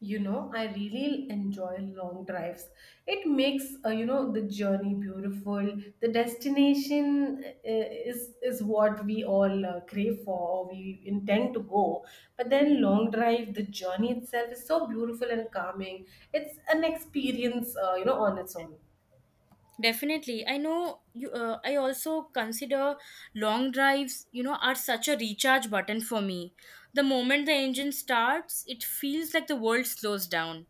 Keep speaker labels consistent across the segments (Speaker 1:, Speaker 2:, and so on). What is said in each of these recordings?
Speaker 1: You know, I really enjoy long drives. It makes you know the journey beautiful. The destination is what we all crave for or we intend to go. But then long drive, the journey itself is so beautiful and calming. It's an experience, you know, on its own.
Speaker 2: Definitely. I know you I also consider long drives, you know, are such a recharge button for me. The moment the engine starts, it feels like the world slows down.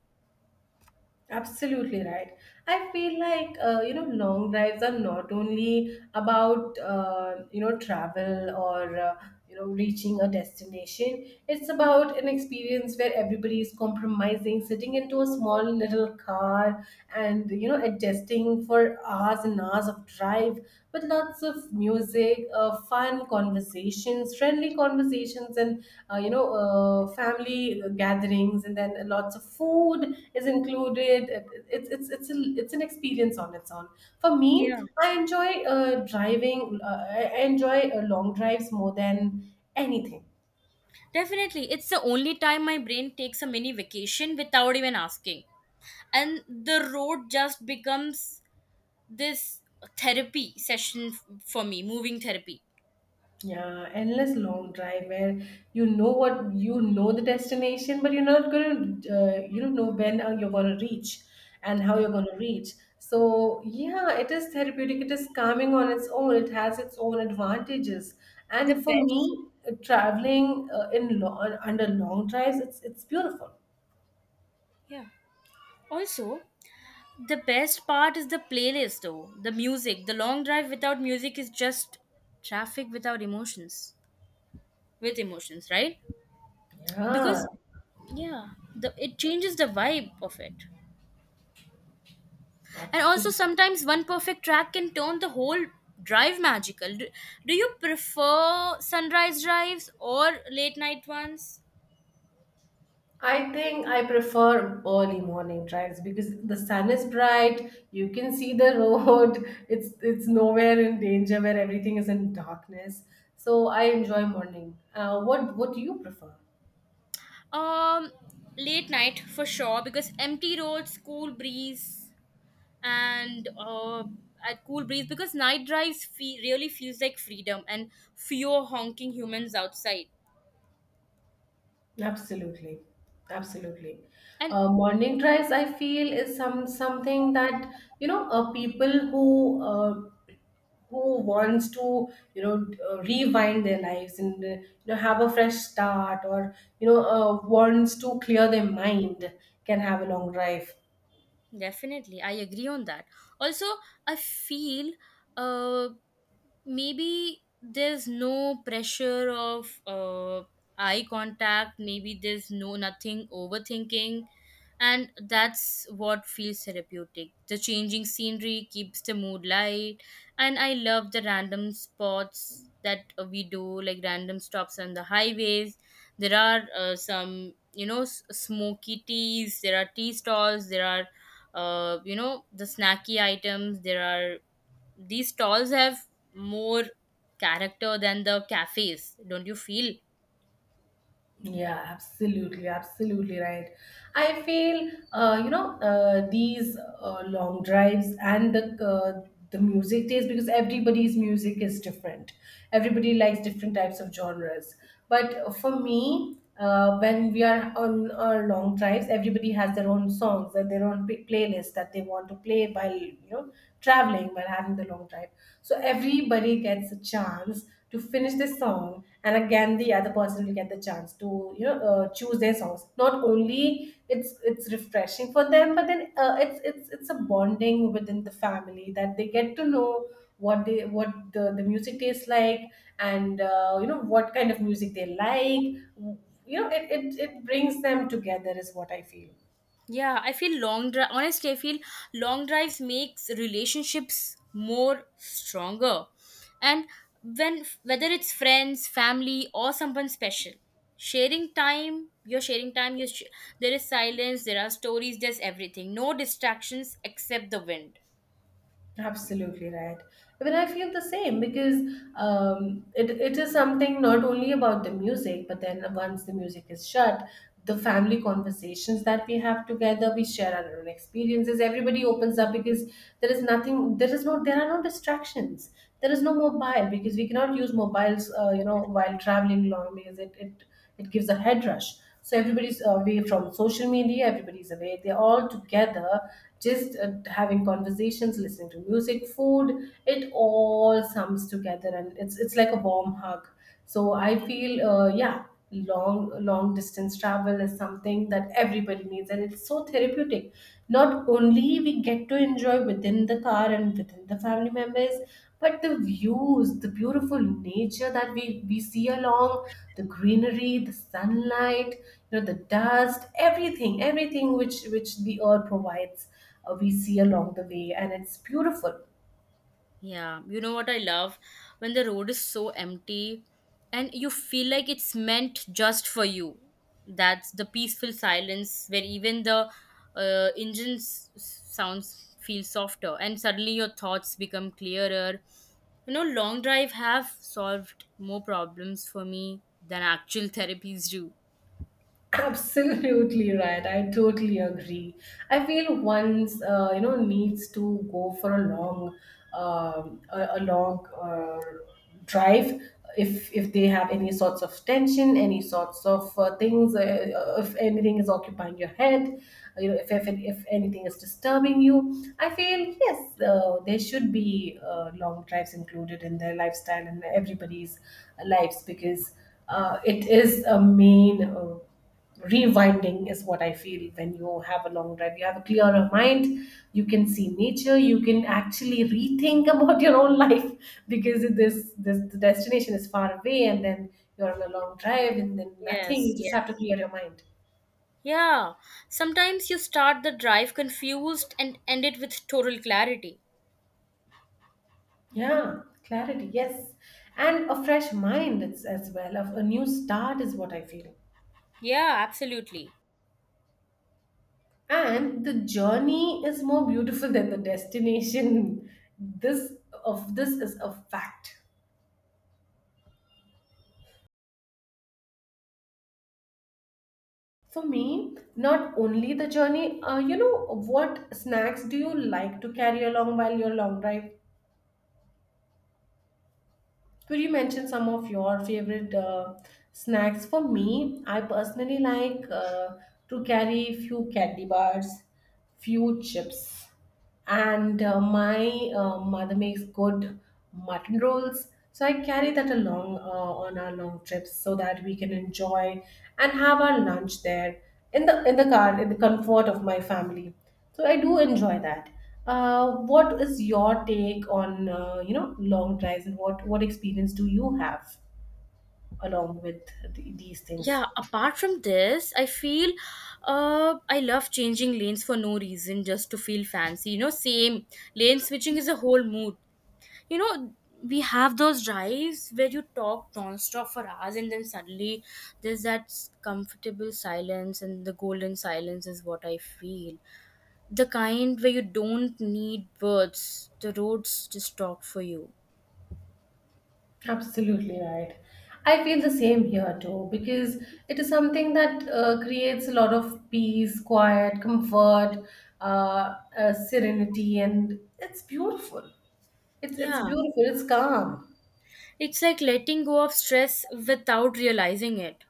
Speaker 1: Absolutely right. I feel like you know long drives are not only about you know travel or you know reaching a destination. It's about an experience where everybody is compromising, sitting into a small little car and you know adjusting for hours and hours of drive with lots of music, fun conversations, friendly conversations, and family gatherings, and then lots of food is included. It's an experience on its own. For me,
Speaker 2: Yeah.
Speaker 1: I enjoy driving. I enjoy long drives more than anything.
Speaker 2: Definitely. It's the only time my brain takes a mini vacation without even asking. And the road just becomes this therapy session for me, moving therapy.
Speaker 1: Yeah, endless long drive where you know the destination, but you're not gonna you don't know when you're gonna reach and how
Speaker 2: Yeah.
Speaker 1: you're gonna reach. So yeah, it is therapeutic. It is calming on its own. It has its own advantages.
Speaker 2: The
Speaker 1: And for
Speaker 2: best.
Speaker 1: me,
Speaker 2: Yeah.
Speaker 1: traveling under long drives, it's beautiful.
Speaker 2: Yeah. Also, the best part is the playlist, though. The music. The long drive without music is just traffic without emotions. With emotions, right?
Speaker 1: Yeah,
Speaker 2: Because, yeah, it changes the vibe of it. And also,
Speaker 1: absolutely.
Speaker 2: sometimes one perfect track can turn the whole drive magical. Do you prefer sunrise drives or late night ones?
Speaker 1: I think I prefer early morning drives because the sun is bright, you can see the road, it's nowhere in danger where everything is in darkness. So I enjoy morning. What do you prefer?
Speaker 2: Um, Late night for sure, because empty roads, cool breeze, and at cool breeze because night drives really feels like freedom and fewer honking humans outside
Speaker 1: Absolutely. Absolutely.
Speaker 2: and
Speaker 1: Morning drives I feel is something that you know people who wants to you know rewind their lives and you know have a fresh start or you know wants to clear their mind can have a long drive.
Speaker 2: definitely, I agree on that. Also, I feel uh, maybe there's no pressure of eye contact, maybe there's no nothing overthinking, and that's what feels therapeutic. The changing scenery keeps the mood light, and I love the random spots that we do, like random stops on the highways. There are some, you know, smoky teas, there are tea stalls, there are the snacky items, there are these stalls have more character than the cafes, don't you feel?
Speaker 1: Yeah, absolutely, absolutely right. I feel these long drives and the music taste because everybody's music is different. Everybody likes different types of genres. But for me, when we are on our long drives, everybody has their own songs and their own playlist that they want to play while you know traveling while having the long drive. So everybody gets a chance to finish this song and again the other person will get the chance to you know choose their songs, not only it's refreshing for them, but then it's a bonding within the family that they get to know what they the music tastes like and you know what kind of music they like. You know, it brings them together is what I feel.
Speaker 2: Yeah, I feel long drive, honestly, I feel long drives makes relationships more stronger. And when whether it's friends, family, or someone special, sharing time, you're sharing time you sh- there is silence, there are stories, there's everything, no distractions except the wind.
Speaker 1: Absolutely right. Even I feel the same because it is something not only about the music, but then once the music is shut, the family conversations that we have together, we share our own experiences. Everybody opens up because there is nothing, there is no, there are no distractions. There is no mobile because we cannot use mobiles, you know, while traveling long because it gives a head rush. So everybody's away from social media. Everybody's away. They're all together, just having conversations, listening to music, food. It all sums together, and it's like a warm hug. So I feel, yeah, long long distance travel is something that everybody needs, and it's so so therapeutic. Not only we get to enjoy within the car and within the family members, but the views, the beautiful nature that we see along, the greenery, the sunlight, you know the dust, everything, everything which the earth provides, we see along the way, and it's beautiful.
Speaker 2: Yeah, you know what I love? When the road is so empty and you feel like it's meant just for you. That's the peaceful silence where even the engine's sounds feel softer and suddenly your thoughts become clearer. You know, long drive have solved more problems for me than actual therapies do.
Speaker 1: Absolutely right. I totally agree. I feel one's you know needs to go for a long, a long drive if they have any sorts of tension, any sorts of things, if anything is occupying your head, you know, if anything is disturbing you. I feel yes, there should be long drives included in their lifestyle and everybody's lives because it is a main. Rewinding is what I feel. When you have a long drive, you have a clearer mind, you can see nature, you can actually rethink about your own life because this the destination is far away, and then you're on a long drive, and then nothing,
Speaker 2: Yes,
Speaker 1: you just have to
Speaker 2: yes.
Speaker 1: clear your mind.
Speaker 2: Yeah, sometimes you start the drive confused and end it with total clarity.
Speaker 1: Yeah, clarity, yes, and a fresh mind. It's as well of a new start is what I feel.
Speaker 2: Yeah, absolutely.
Speaker 1: And the journey is more beautiful than the destination. this this is a fact. For me, not only the journey, you know, what snacks do you like to carry along while you're long drive? Could you mention some of your favorite snacks? For me, I personally like to carry few candy bars, few chips, and my mother makes good mutton rolls, so I carry that along on our long trips so that we can enjoy and have our lunch there, in the car, in the comfort of my family. So I do enjoy that. What is your take on you know long drives, and what experience do you have along with these things?
Speaker 2: Yeah, apart from this I feel I love changing lanes for no reason just to feel fancy, you know, same lane switching is a whole mood, you know. We have those drives where you talk non-stop for hours and then suddenly there's that comfortable silence, and the golden silence is what I feel, the kind where you don't need words, the roads just talk for you.
Speaker 1: Absolutely right. I feel the same here too because it is something that creates a lot of peace, quiet, comfort, serenity, and it's beautiful. It's
Speaker 2: Yeah,
Speaker 1: beautiful. It's calm.
Speaker 2: it's like letting go of stress without realizing it.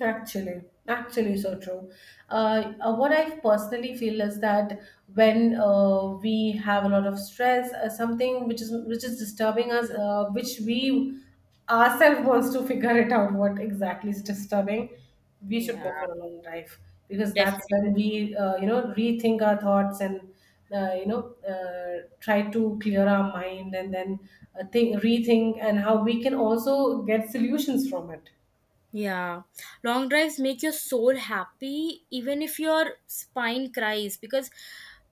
Speaker 1: Actually, actually, so true. What I personally feel is that when we have a lot of stress, something which is disturbing us, which we ourselves wants to figure it out, what exactly is disturbing, we should
Speaker 2: Yeah.
Speaker 1: go for a long drive because that's
Speaker 2: Definitely.
Speaker 1: when we, you know, rethink our thoughts and you know, try to clear our mind, and then think, rethink, and how we can also get solutions from it.
Speaker 2: Yeah. Long drives make your soul happy even if your spine cries because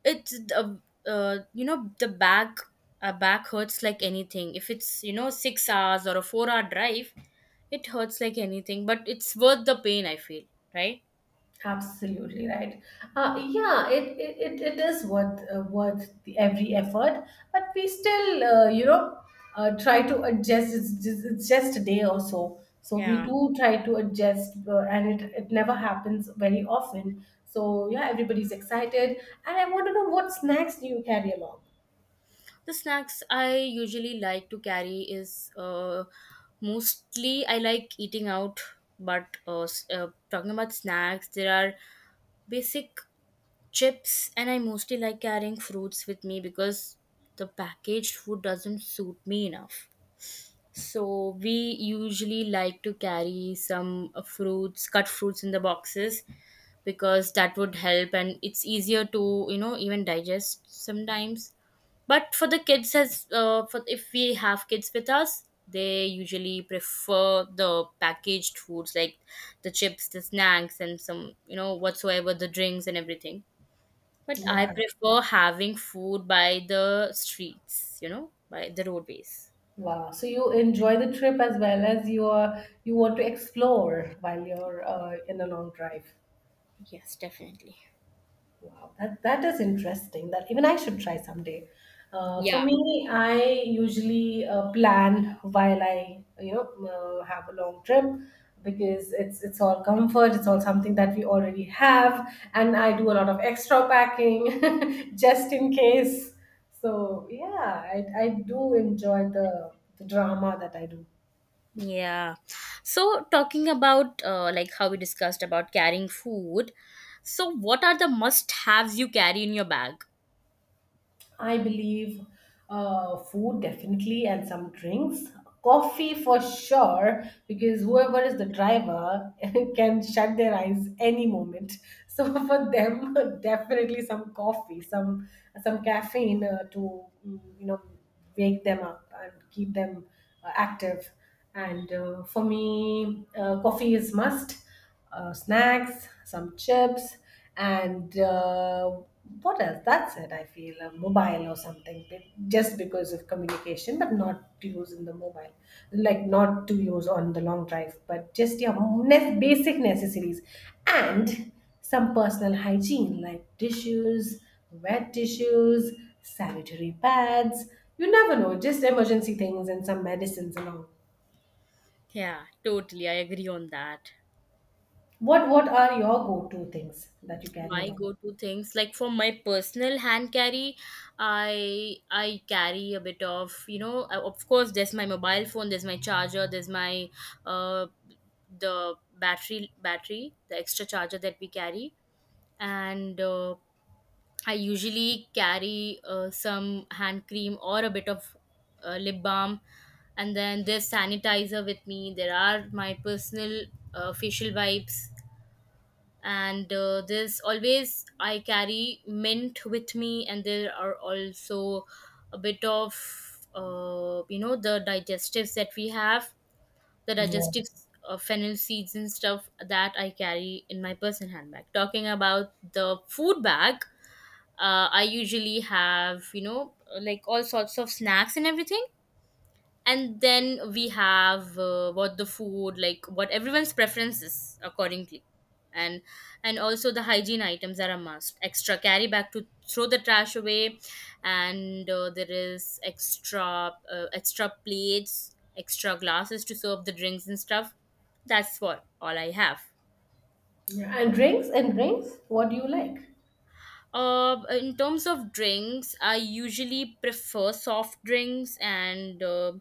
Speaker 2: it's the the back back hurts like anything. If it's, you know, 6 hours or a 4-hour drive, it hurts like anything, but it's worth the pain I feel, right?
Speaker 1: Absolutely right. Yeah, it is worth worth every effort, but we still, you know, try to adjust. It's just a day or so, so we
Speaker 2: Yeah.
Speaker 1: do try to adjust, and it never happens very often. So yeah, everybody's excited, and I want to know what snacks do you carry along?
Speaker 2: The snacks I usually like to carry is mostly I like eating out, but talking about snacks, there are basic chips, and I mostly like carrying fruits with me because the packaged food doesn't suit me enough, so we usually like to carry some fruits, cut fruits in the boxes, because that would help and it's easier to, you know, even digest sometimes. But for the kids, as for if we have kids with us, they usually prefer the packaged foods like the chips, the snacks, and some, you know, whatsoever the drinks and everything. But
Speaker 1: Yeah.
Speaker 2: I prefer having food by the streets, you know, by the roadways.
Speaker 1: Wow. So you enjoy the trip as well as you are you want to explore while you're in a long drive.
Speaker 2: Yes, definitely.
Speaker 1: Wow, that is interesting. That even I should try someday. For
Speaker 2: Yeah.
Speaker 1: me, I usually plan while I you know have a long trip because it's all comfort. It's all something that we already have, and I do a lot of extra packing just in case. So yeah, I do enjoy the drama that I do.
Speaker 2: Yeah. So talking about like how we discussed about carrying food. So what are the must-haves you carry in your bag?
Speaker 1: I believe food definitely and some drinks. Coffee for sure, because whoever is the driver can shut their eyes any moment. So for them, definitely some coffee, some caffeine to you know wake them up and keep them active. And for me, coffee is must. Snacks, some chips, and what else? That's it. I feel a mobile or something, just because of communication, but not to use in the mobile, like not to use on the long drive, but just yeah, basic necessities, and some personal hygiene like tissues, wet tissues, sanitary pads. You never know, just emergency things and some medicines and all.
Speaker 2: Yeah, totally. I agree on that.
Speaker 1: What are your go-to things that you carry
Speaker 2: My
Speaker 1: around?
Speaker 2: go-to things, like, for my personal hand carry, I carry a bit of, you know, of course there's my mobile phone, there's my charger, there's my uh the battery, the extra charger that we carry. And I usually carry some hand cream or a bit of lip balm, and then there's sanitizer with me, there are my personal facial wipes. And there's always, I carry mint with me, and there are also a bit of the digestives that we have, the
Speaker 1: Yeah.
Speaker 2: digestives, fennel seeds and stuff that I carry in my person handbag. Talking about the food bag, I usually have, you know, like all sorts of snacks and everything. And then we have what the food like what everyone's preferences accordingly. and and also the hygiene items are a must, extra carry back to throw the trash away. And there is extra, extra plates, extra glasses to serve the drinks and stuff. That's what all I have.
Speaker 1: Yeah. And drinks, what do you like?
Speaker 2: Uh, in terms of drinks, I usually prefer soft drinks, and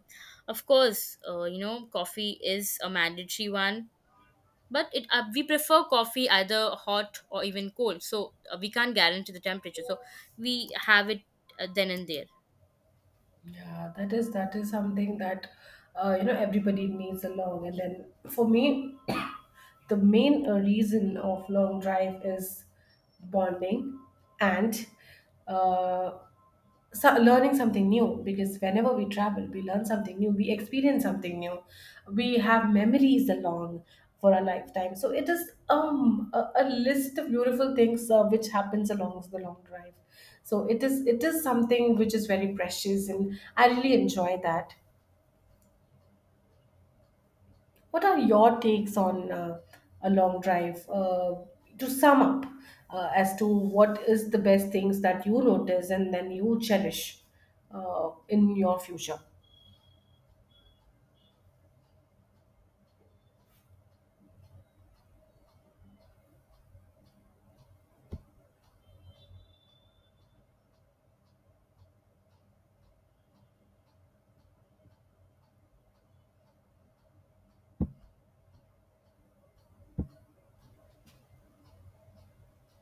Speaker 2: of course, coffee is a mandatory one. But it we prefer coffee either hot or even cold, so we can't guarantee the temperature, so we have it then and there.
Speaker 1: Yeah, that is something that you know everybody needs along. And then for me, the main reason of long drive is bonding and uh, so learning something new, because whenever we travel we learn something new, we experience something new, we have memories along for a lifetime. So it is a list of beautiful things which happens along the long drive. So it is something which is very precious, and I really enjoy that. What are your takes on a long drive to sum up, as to what is the best things that you notice and then you cherish in your future?